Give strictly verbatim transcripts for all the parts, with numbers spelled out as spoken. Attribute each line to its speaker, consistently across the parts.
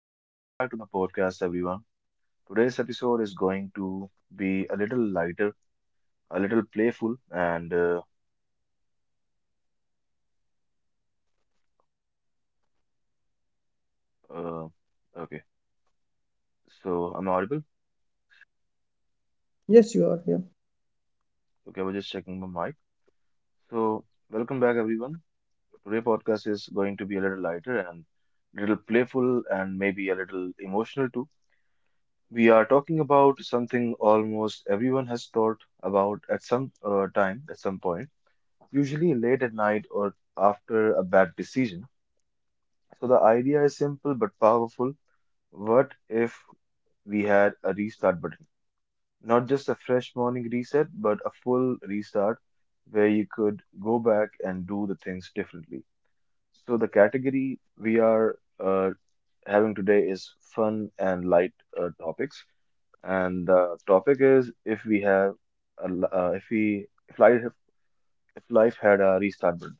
Speaker 1: Uh, welcome back to the podcast, everyone. Today's episode is going to be a little lighter, a little playful, and uh, uh, okay. So I'm audible.
Speaker 2: Yes, you are. Yeah.
Speaker 1: Okay, I was just checking my mic. So welcome back, everyone. Today podcast is going to be a little lighter and little playful, and maybe a little emotional too. We are talking about something almost everyone has thought about at some uh, time, at some point, usually late at night or after a bad decision. So the idea is simple but powerful. What if we had a restart button? Not just a fresh morning reset, but a full restart where you could go back and do the things differently. So the category we are uh, having today is fun and light uh, topics, and the topic is if we have a, l- uh, if we if life if life had a restart button.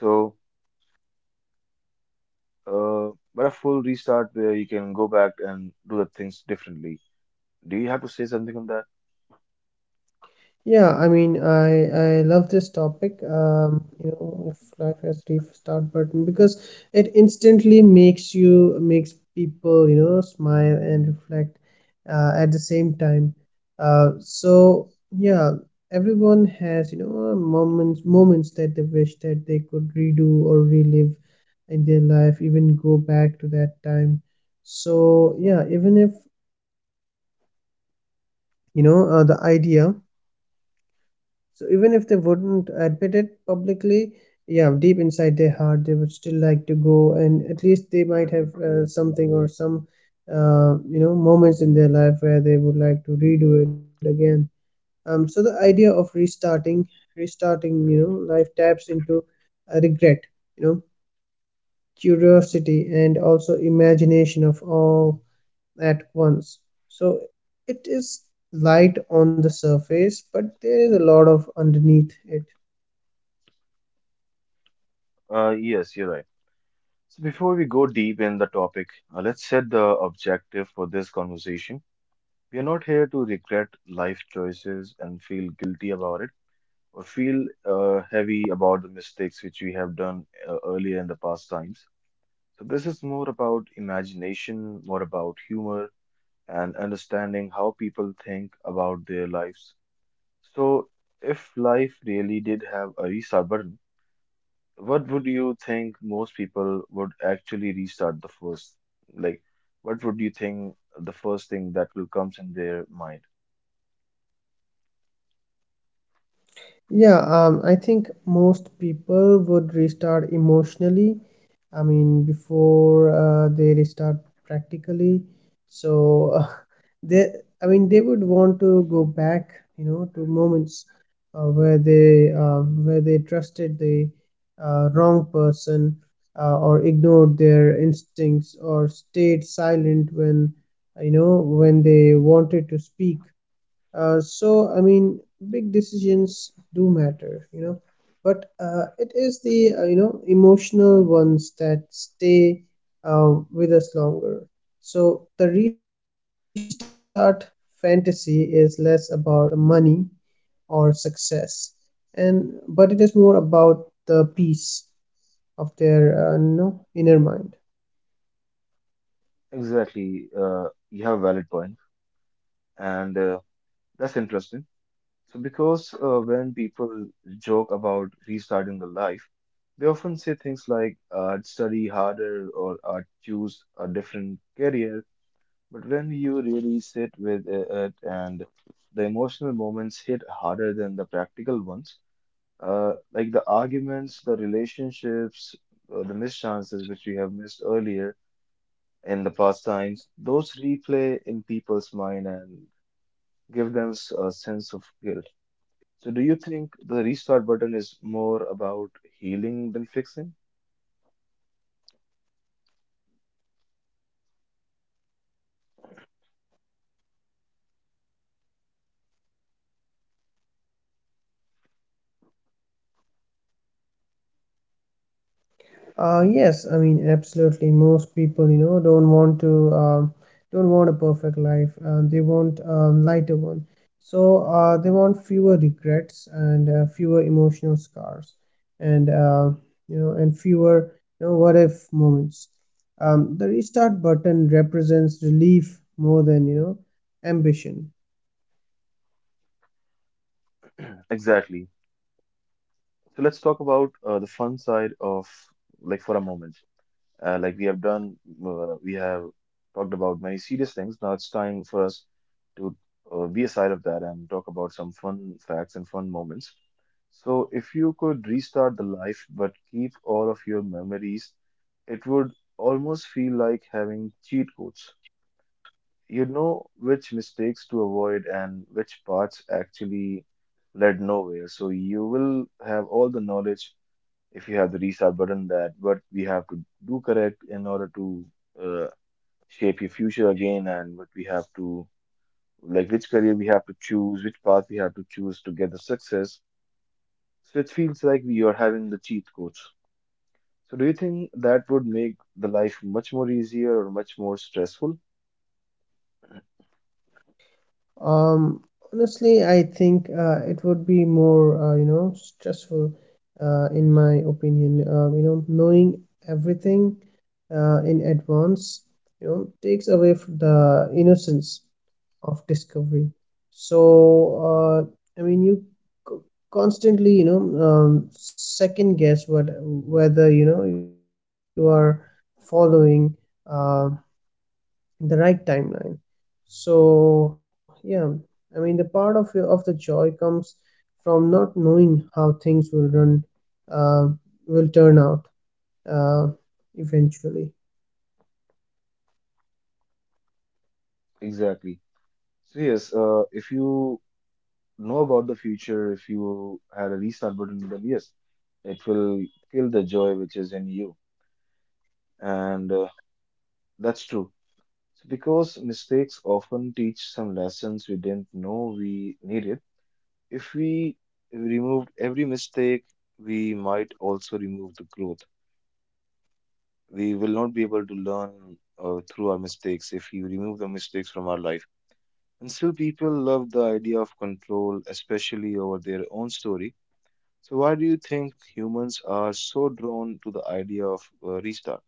Speaker 1: So uh, but a full restart where you can go back and do the things differently. Do you have to say something on that?
Speaker 2: Yeah, I mean, I I love this topic. Um, you know, if life has restart button because it instantly makes you makes people, you know, smile and reflect uh, at the same time. Uh, so yeah, everyone has, you know, moments moments that they wish that they could redo or relive in their life, even go back to that time. So yeah, even if you know uh, the idea. So even if they wouldn't admit it publicly, yeah, deep inside their heart, they would still like to go, and at least they might have uh, something or some, uh, you know, moments in their life where they would like to redo it again. Um, so the idea of restarting, restarting, you know, life taps into uh, regret, you know, curiosity, and also imagination of all at once. So it is light on the surface, but there is a lot of underneath it.
Speaker 1: Uh, yes, you're right. So before we go deep in the topic, uh, let's set the objective for this conversation. We are not here to regret life choices and feel guilty about it or feel uh, heavy about the mistakes which we have done uh, earlier in the past times. So this is more about imagination, more about humor and understanding how people think about their lives. So if life really did have a restart button, what would you think most people would actually restart the first? Like, what would you think the first thing that will comes in their mind?
Speaker 2: Yeah, um, I think most people would restart emotionally. I mean, before uh, they restart practically. So uh, they, I mean, they would want to go back, you know, to moments uh, where they um, where they trusted the uh, wrong person uh, or ignored their instincts or stayed silent when, uh, you know, when they wanted to speak. Uh, so, I mean, big decisions do matter, you know, but uh, it is the, uh, you know, emotional ones that stay uh, with us longer. So, the restart fantasy is less about the money or success, and but it is more about the peace of their, uh, you know, inner mind.
Speaker 1: Exactly. Uh, you have a valid point, and uh, that's interesting. So, because uh, when people joke about restarting the life, they often say things like uh, "I'd study harder" or "I'd choose a different career." But when you really sit with uh, it and the emotional moments hit harder than the practical ones, Uh, like the arguments, the relationships, uh, the missed chances which we have missed earlier in the past times, those replay in people's mind and give them s- a sense of guilt. So, do you think the restart button is more about healing than fixing?
Speaker 2: Uh, yes, I mean, absolutely. Most people, you know, don't want to, um, don't want a perfect life. Uh, they want a lighter one. So uh, they want fewer regrets and uh, fewer emotional scars, and uh, you know, and fewer, you know, what if moments. Um, the restart button represents relief more than, you know, ambition.
Speaker 1: Exactly. So, let's talk about uh, the fun side of like for a moment. Uh, like we have done, uh, we have talked about many serious things. Now it's time for us to uh, be aside of that and talk about some fun facts and fun moments. So, if you could restart the life but keep all of your memories, it would almost feel like having cheat codes. You know which mistakes to avoid and which paths actually led nowhere. So, you will have all the knowledge if you have the restart button that what we have to do correct in order to uh, shape your future again and what we have to like which career we have to choose which path we have to choose to get the success, so it feels like we are having the cheat codes. So do you think that would make the life much more easier or much more stressful?
Speaker 2: Um, honestly, I think uh, it would be more, uh, you know, stressful, uh, in my opinion. Uh, you know, knowing everything uh, in advance, you know, takes away f the innocence of discovery. So, uh, I mean, you co- constantly, you know, um, second guess what whether you know you are following. um the right timeline. So yeah, i mean the part of your of the joy comes from not knowing how things will run uh, will turn out uh, eventually.
Speaker 1: Exactly. So yes, uh, if you know about the future, if you had a restart button, then yes, it will kill the joy which is in you. And uh, that's true. So because mistakes often teach some lessons we didn't know we needed, if we removed every mistake, we might also remove the growth. We will not be able to learn uh, through our mistakes if you remove the mistakes from our life. And still, people love the idea of control, especially over their own story. So, why do you think humans are so drawn to the idea of uh, restart?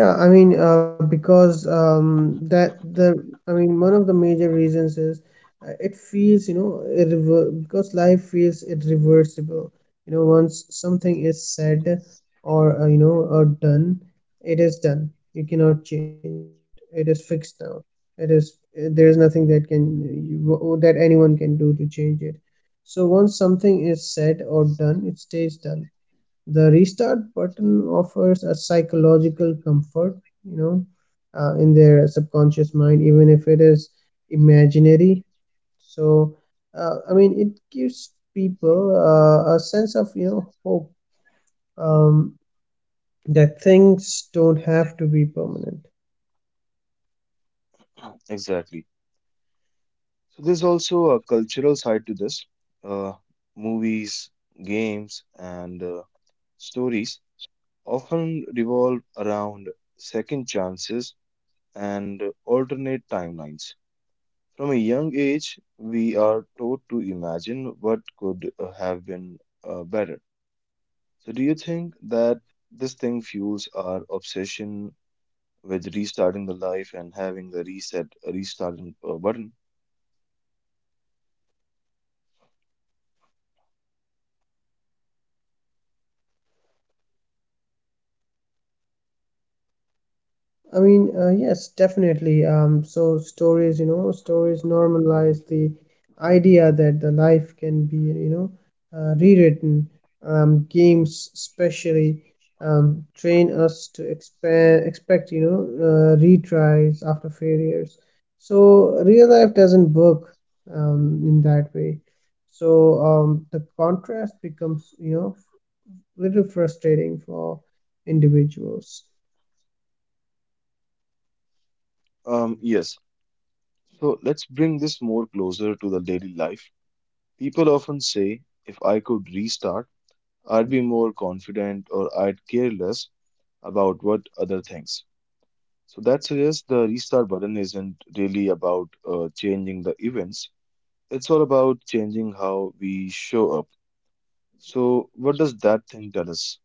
Speaker 2: Yeah, I mean, uh, because um, that the I mean, one of the major reasons is uh, it feels, you know, irrever because life feels irreversible. You know, once something is said or uh, you know or done, it is done. You cannot change it. It is fixed now. It is uh, there is nothing that can you, uh, that anyone can do to change it. So once something is said or done, it stays done. The restart button offers a psychological comfort, you know, uh, in their subconscious mind, even if it is imaginary. So, uh, I mean, it gives people uh, a sense of, you know, hope um, that things don't have to be permanent.
Speaker 1: Exactly. So there's also a cultural side to this. Uh, Movies, games, and uh, stories often revolve around second chances and alternate timelines. From a young age, we are taught to imagine what could uh, have been uh, better. So, do you think that this thing fuels our obsession with restarting the life and having the reset, restart uh, button?
Speaker 2: I mean, uh, yes, definitely. Um, so stories, you know, stories normalize the idea that the life can be, you know, uh, rewritten. Um, games, especially, um, train us to expand, expect, you know, uh, retries after failures. So real life doesn't work, um, in that way. So um, the contrast becomes, you know, little frustrating for individuals.
Speaker 1: Um, yes. So let's bring this more closer to the daily life. People often say, if I could restart, I'd be more confident or I'd care less about what other thinks. So that suggests the restart button isn't really about uh, changing the events, it's all about changing how we show up. So, what does that thing tell us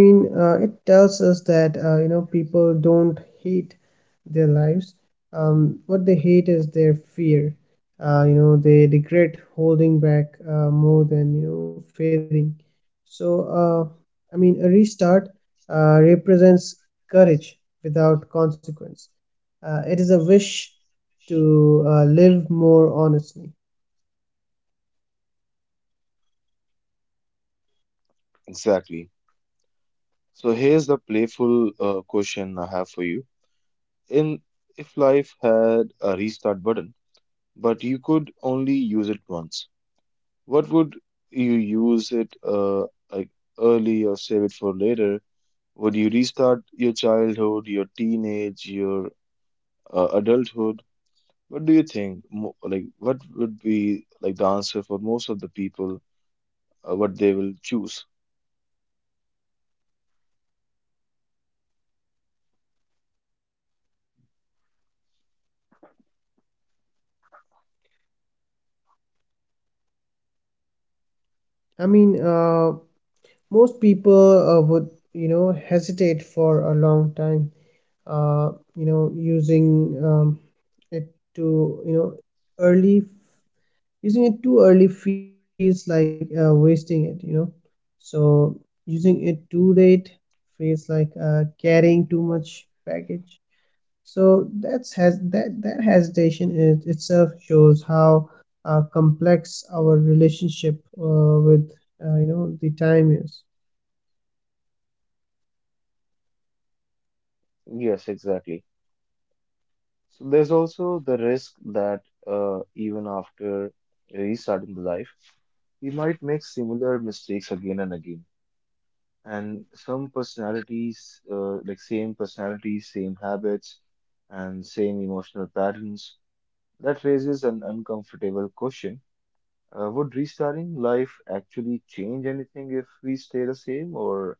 Speaker 2: I mean, uh, it tells us that uh, you know people don't hate their lives. Um, what they hate is their fear. Uh, you know, they regret holding back uh, more than you know failing. So, uh, I mean, a restart uh, represents courage without consequence. Uh, it is a wish to uh, live more honestly.
Speaker 1: exactly? So, here's the playful uh, question I have for you. In if life had a restart button, but you could only use it once, what would you use it uh, like early or save it for later? Would you restart your childhood, your teenage, your uh, adulthood? What do you think? Mo Like, what would be like the answer for most of the people, uh, what they will choose?
Speaker 2: I mean, uh, most people uh, would you know hesitate for a long time uh, you know using um, it to you know early. Using it too early feels like uh, wasting it, you know. So using it too late feels like uh, carrying too much baggage. so that's has that that hesitation is itself shows how uh, complex our relationship uh, with uh, you know the time is.
Speaker 1: Yes, exactly. So there's also the risk that uh, even after restarting the life, we might make similar mistakes again and again, and some personalities uh, like same personalities, same habits and same emotional patterns. That raises an uncomfortable question: uh, would restarting life actually change anything if we stay the same, or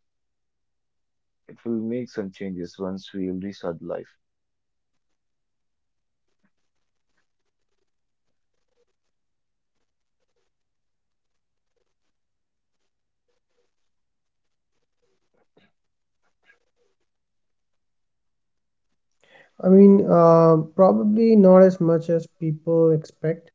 Speaker 1: it will make some changes once we restart life?
Speaker 2: I mean, uh, probably not as much as people expect.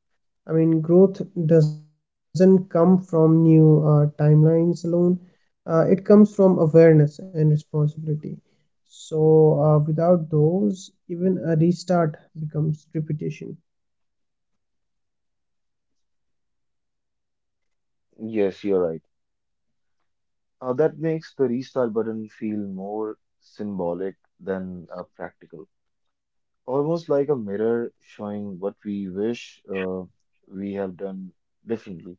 Speaker 2: I mean, growth doesn't come from new uh, timelines alone. Uh, it comes from awareness and responsibility. So, uh, without those, even a restart becomes repetition.
Speaker 1: Yes, you're right. Uh, that makes the restart button feel more symbolic than uh, practical, almost like a mirror showing what we wish uh, we have done differently.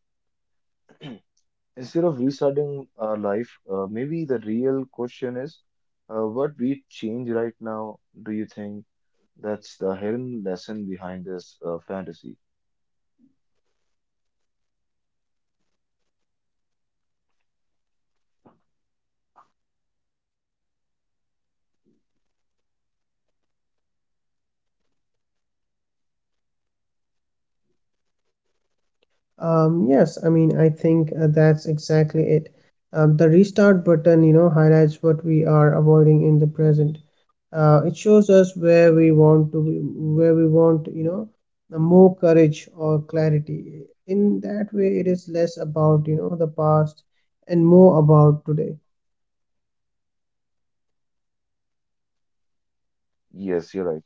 Speaker 1: Instead of restarting our life, uh, maybe the real question is uh, what we change right now, do you think? That's the hidden lesson behind this uh, fantasy.
Speaker 2: Um, yes, I mean, I think uh, that's exactly it. Um, the restart button, you know, highlights what we are avoiding in the present. Uh, it shows us where we want to be, where we want, you know, uh, more courage or clarity. In that way, it is less about, you know, the past and more about today.
Speaker 1: Yes, you're right.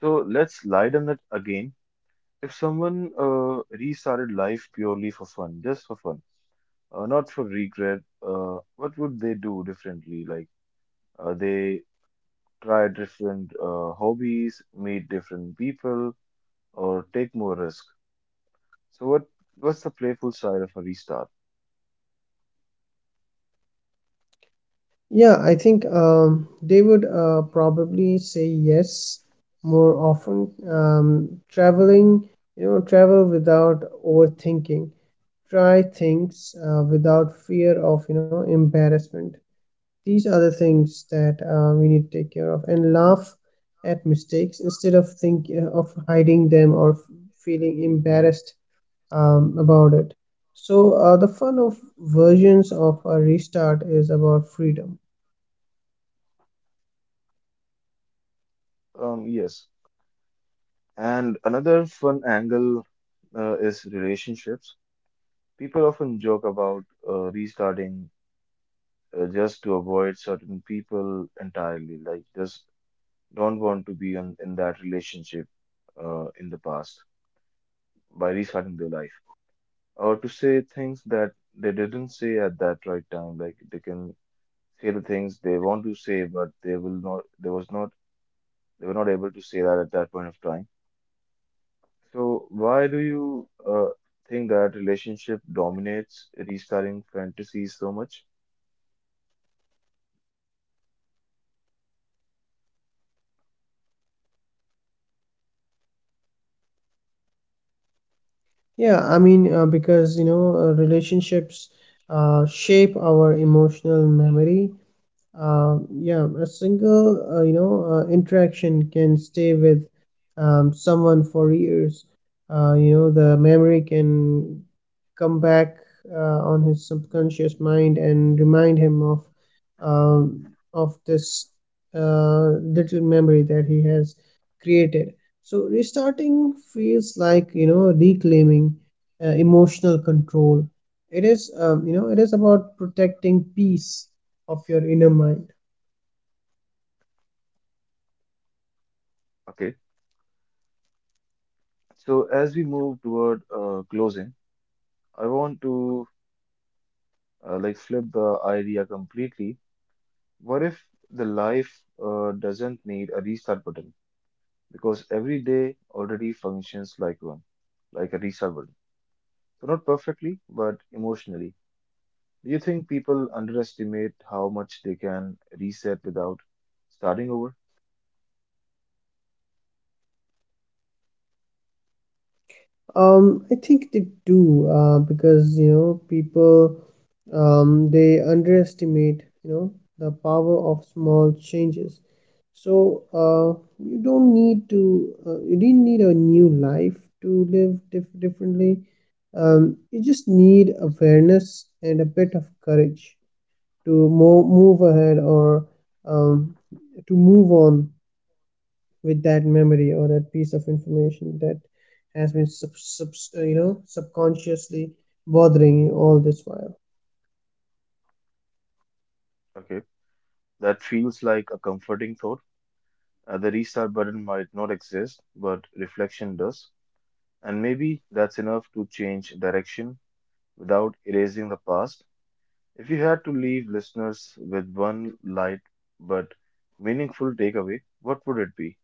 Speaker 1: So let's lighten it again. If someone uh, restarted life purely for fun, just for fun, uh, not for regret, uh, what would they do differently? Like uh, they try different uh, hobbies, meet different people, or take more risk. So what, what's the playful side of a restart?
Speaker 2: Yeah, I think um, they would uh, probably say yes more often. Um, traveling, you know, travel without overthinking, try things uh, without fear of you know embarrassment. These are the things that uh, we need to take care of, and laugh at mistakes instead of think uh, of hiding them or f- feeling embarrassed um, about it. So uh, the fun of versions of a restart is about freedom.
Speaker 1: Um, yes. And another fun angle uh, is relationships. People often joke about uh, restarting uh, just to avoid certain people entirely, like just don't want to be in, in that relationship uh, in the past by restarting their life, or to say things that they didn't say at that right time. Like they can say the things they want to say, but they will not. They was not. They were not able to say that at that point of time. So, why do you uh, think that relationship dominates restarting fantasies so much?
Speaker 2: Yeah i mean uh, because you know uh, relationships uh, shape our emotional memory. Um, yeah, a single, uh, you know, uh, interaction can stay with um, someone for years. Uh, you know, the memory can come back uh, on his subconscious mind and remind him of um, of this uh, little memory that he has created. So restarting feels like you know reclaiming uh, emotional control. It is um, you know it is about protecting peace of your inner mind.
Speaker 1: Okay. So, as we move toward uh, closing, I want to uh, like flip the idea completely. What if the life uh, doesn't need a restart button? Because every day already functions like one, like a restart button. So, not perfectly, but emotionally. Do you think people underestimate how much they can reset without starting over?
Speaker 2: Um, I think they do uh, because you know people um, they underestimate you know the power of small changes. So uh, you don't need to uh, you didn't need a new life to live dif- differently. Um, you just need awareness and a bit of courage to mo- move ahead or um, to move on with that memory or that piece of information that has been sub, sub, uh, you know subconsciously bothering you all this while.
Speaker 1: Okay. That feels like a comforting thought. Uh, the restart button might not exist, but reflection does. And maybe that's enough to change direction without erasing the past. If you had to leave listeners with one light but meaningful takeaway, what would it be?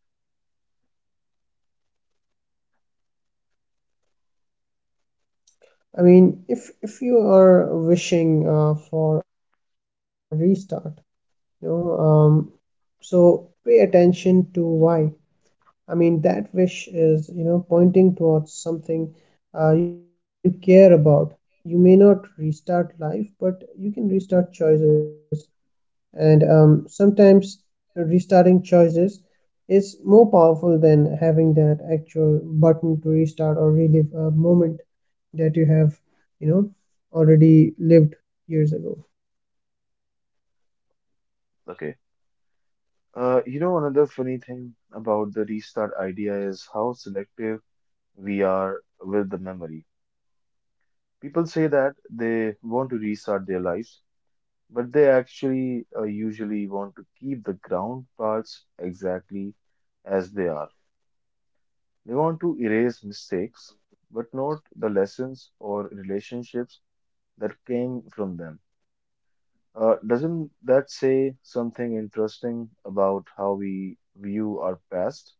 Speaker 2: i mean if if you are wishing uh, for a restart, you know um, so pay attention to why. I mean that wish is you know pointing towards something uh, you care about. You may not restart life, but you can restart choices. And um, Sometimes restarting choices is more powerful than having that actual button to restart or relive a moment that you have, you know, already lived years ago.
Speaker 1: Okay. Uh, you know, another funny thing about the restart idea is how selective we are with the memory. People say that they want to restart their lives but they actually uh, usually want to keep the ground parts exactly as they are. They want to erase mistakes, but not the lessons or relationships that came from them. Uh, doesn't that say something interesting about how we view our past?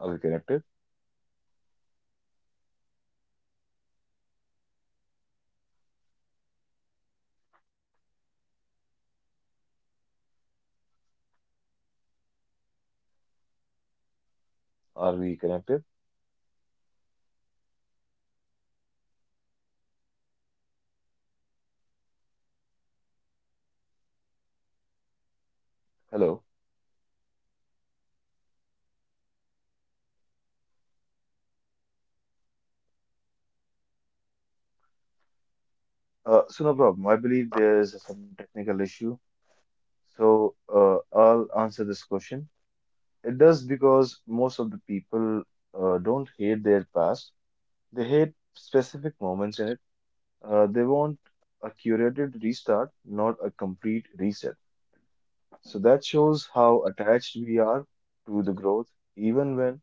Speaker 1: Are we connected? Are we connected? Hello. Uh, so no problem. I believe there is some technical issue. So uh, I'll answer this question. It does because most of the people uh, don't hate their past. They hate specific moments in it. Uh, they want a curated restart, not a complete reset. So that shows how attached we are to the growth, even when,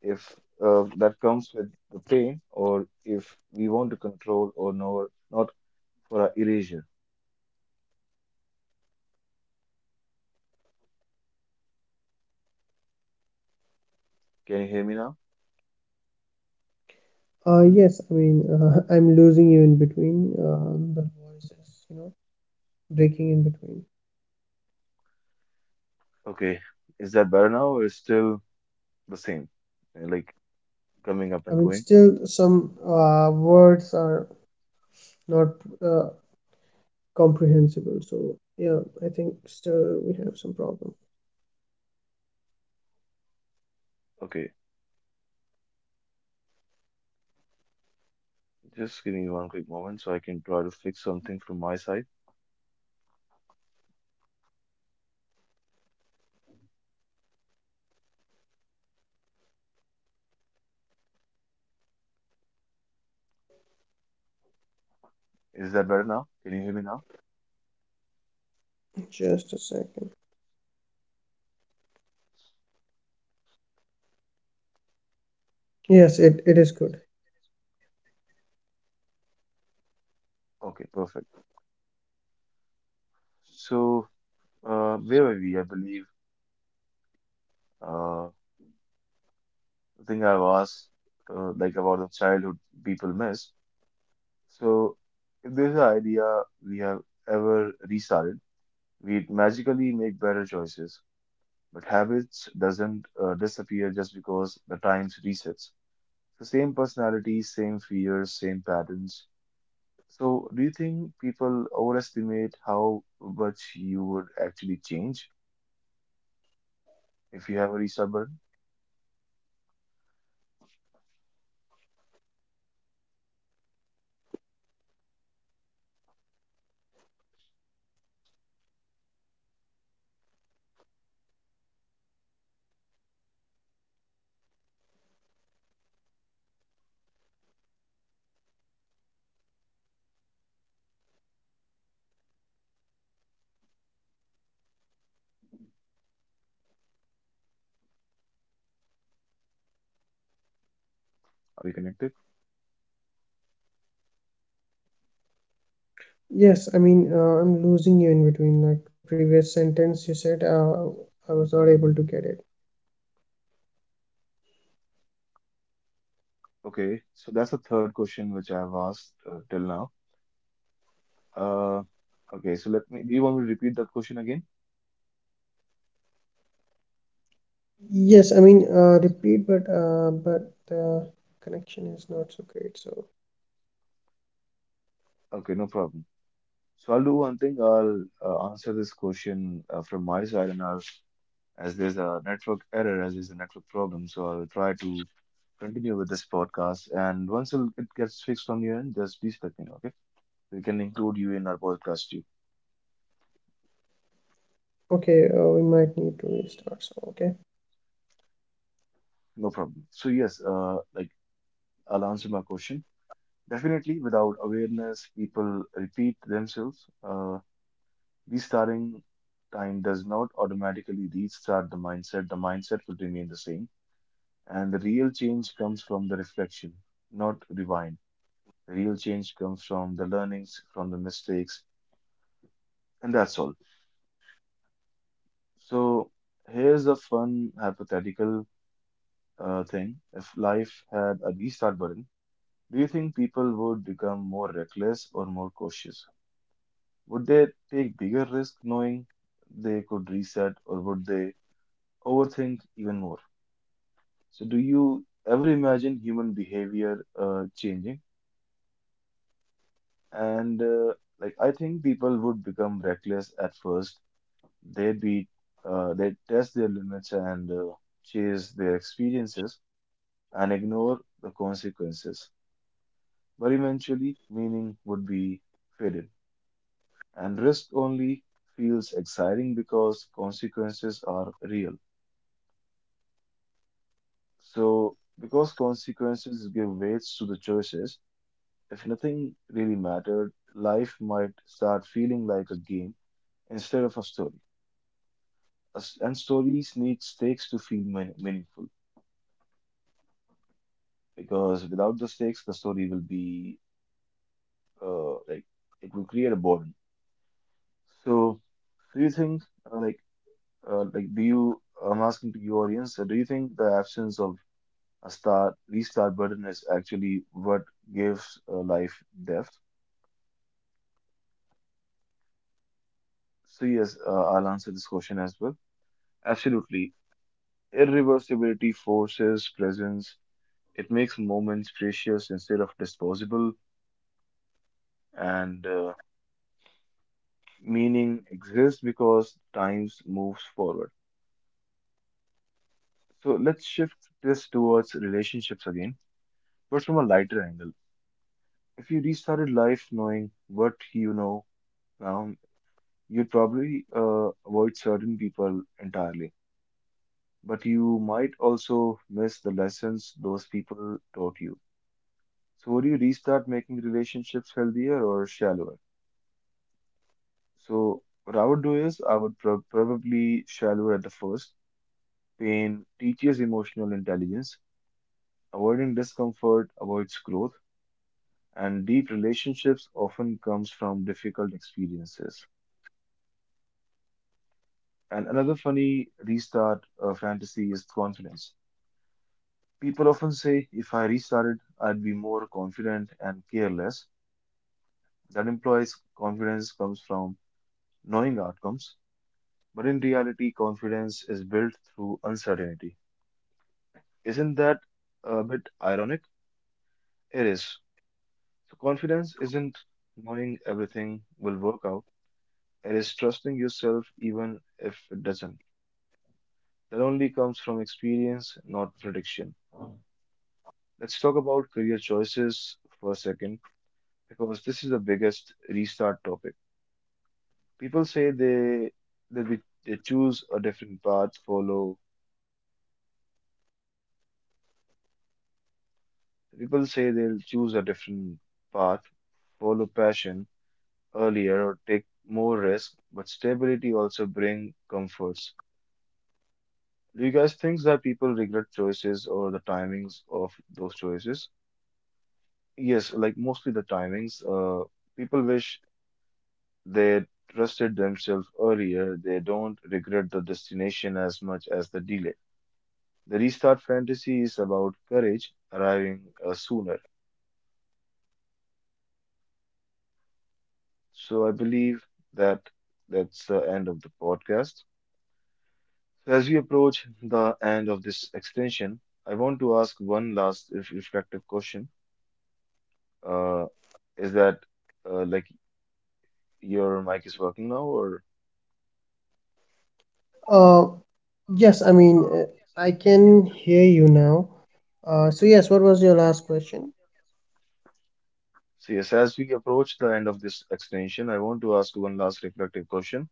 Speaker 1: if uh, that comes with the pain, or if we want to control or no, not for our erasure. Can you hear me now?
Speaker 2: uh yes i mean uh, i'm losing you in between. Um, the voice is you know breaking in between.
Speaker 1: Okay. Is that better now, or is still the same? Uh, Like
Speaker 2: I
Speaker 1: coming
Speaker 2: mean
Speaker 1: up and
Speaker 2: still
Speaker 1: going?
Speaker 2: some uh, words are not uh, comprehensible, so yeah, I think still we have some problem.
Speaker 1: Okay. Just give me one quick moment so I can try to fix something from my side. Is that better now? Can you hear me now?
Speaker 2: Just a second. Yes, it, it is good.
Speaker 1: Okay, perfect. So, uh, where were we? I believe, uh, I think I've asked, uh, like about the childhood people miss. So, if there's an idea we have ever restarted, we magically make better choices, but habits doesn't uh, disappear just because the times resets. The same personality, same fears, same patterns. So, do you think people overestimate how much you would actually change if you have a restart button? Are we connected?
Speaker 2: Yes, I mean, uh, I'm losing you in between. Like the previous sentence you said, uh, I was not able to get it.
Speaker 1: Okay, so that's the third question which I have asked uh, till now. Uh, okay, so let me. Do you want me to repeat that question again?
Speaker 2: Yes, I mean, uh, repeat, but uh, but the connection is not so great. So
Speaker 1: Okay, no problem. So I'll do one thing. I'll uh, answer this question uh, from my side, and I'll, as there's a network error, as there's a network problem, so I'll try to continue with this podcast. And once it'll- it gets fixed on your end, just please let me know. Okay, we can include you in our podcast too.
Speaker 2: okay, uh, we might need to restart. So okay.
Speaker 1: No problem. So yes, uh, like I'll answer my question. Definitely, without awareness, people repeat themselves. Uh, restarting time does not automatically restart the mindset. The mindset will remain the same, and the real change comes from the reflection, not rewind. The real change comes from the learnings, from the mistakes, and that's all. So here's a fun hypothetical uh, thing. If life had a restart button, do you think people would become more reckless or more cautious? Would they take bigger risks knowing they could reset, or would they overthink even more? So, do you ever imagine human behavior uh, changing? And uh, like, I think people would become reckless at first. They'd be, uh, they test their limits and uh, chase their experiences and ignore the consequences. But eventually, meaning would be faded. And risk only feels exciting because consequences are real. So, because consequences give weights to the choices, if nothing really mattered, life might start feeling like a game instead of a story. A s- And stories need stakes to feel mean- meaningful because without the stakes, the story will be uh, like it will create a boredom. So, do you think uh, like uh, like do you? I'm asking to your audience. Uh, do you think the absence of A start restart button is actually what gives uh, life depth? So yes, uh, I'll answer this question as well. Absolutely. Irreversibility forces presence. It makes moments precious instead of disposable, and uh, meaning exists because times moves forward. So let's shift this towards relationships again, but from a lighter angle. If you restarted life knowing what you know now, you'd probably uh, avoid certain people entirely, but you might also miss the lessons those people taught you. So, would you restart making relationships healthier or shallower? So, what I would do is I would prob- probably shallower at the first. Pain teaches emotional intelligence. Avoiding discomfort avoids growth, and deep relationships often comes from difficult experiences. And another funny restart uh, fantasy is confidence. People often say, if I restarted, I'd be more confident and careless. That implies confidence comes from knowing outcomes, but in reality, confidence is built through uncertainty. Isn't that a bit ironic? It is. So, confidence isn't knowing everything will work out, it is trusting yourself even if it doesn't. That only comes from experience, not prediction. Let's talk about career choices for a second because this is the biggest restart topic. People say they they, be- they choose a different path, follow People say they'll choose a different path, follow passion earlier, or take more risk, but stability also brings comforts. Do you guys think that people regret choices or the timings of those choices? Yes, like mostly the timings. Uh, people wish they trusted themselves earlier. They don't regret the destination as much as the delay. The restart fantasy is about courage arriving uh, sooner. So I believe that that's the end of the podcast. So as we approach the end of this extension, I want to ask one last ref- reflective question. Uh, is that uh, like your mic is working now, or
Speaker 2: Uh, yes, I mean, uh, I can hear you now. Uh, so yes, what was your last question?
Speaker 1: so? Yes, as we approach the end of this extension, I want to ask one last reflective question.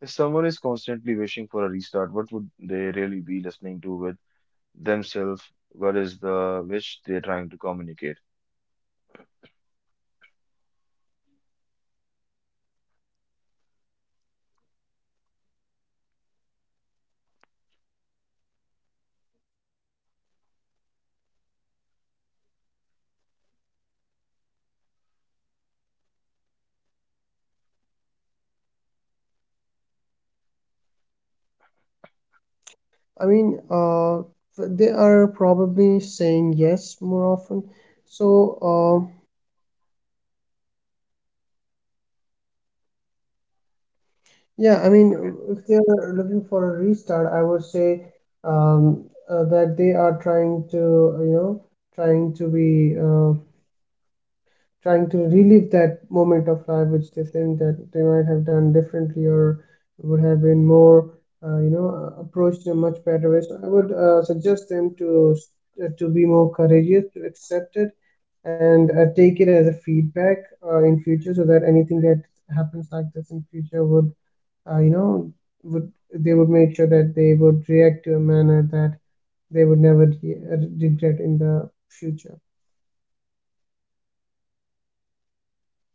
Speaker 1: If someone is constantly wishing for a restart, what would they really be listening to with themselves? What is the wish they're trying to communicate?
Speaker 2: I mean, uh, f- they are probably saying yes more often. So uh, Yeah, I mean,
Speaker 1: Okay,
Speaker 2: if they are looking for a restart, I would say um, uh, that they are trying to, you know, trying to be, uh, trying to relive that moment of life, which they think that they might have done differently or would have been more, uh, you know, uh, approached in a much better way. So I would uh, suggest them to s- uh, to be more courageous, to accept it, and uh, take it as a feedback uh, in future, so that anything that happens like this in future would uh, you know, would they would make sure that they would react to a manner that they would never re- uh, regret in the future.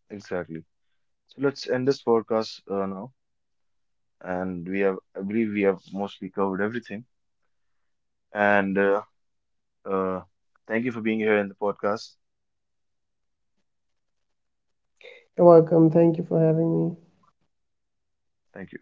Speaker 1: exactly. So let's end this podcast uh, now. And we have, I believe, we have mostly covered everything. And uh, uh, thank you for being here in the podcast.
Speaker 2: You're welcome. Thank you for having me.
Speaker 1: Thank you.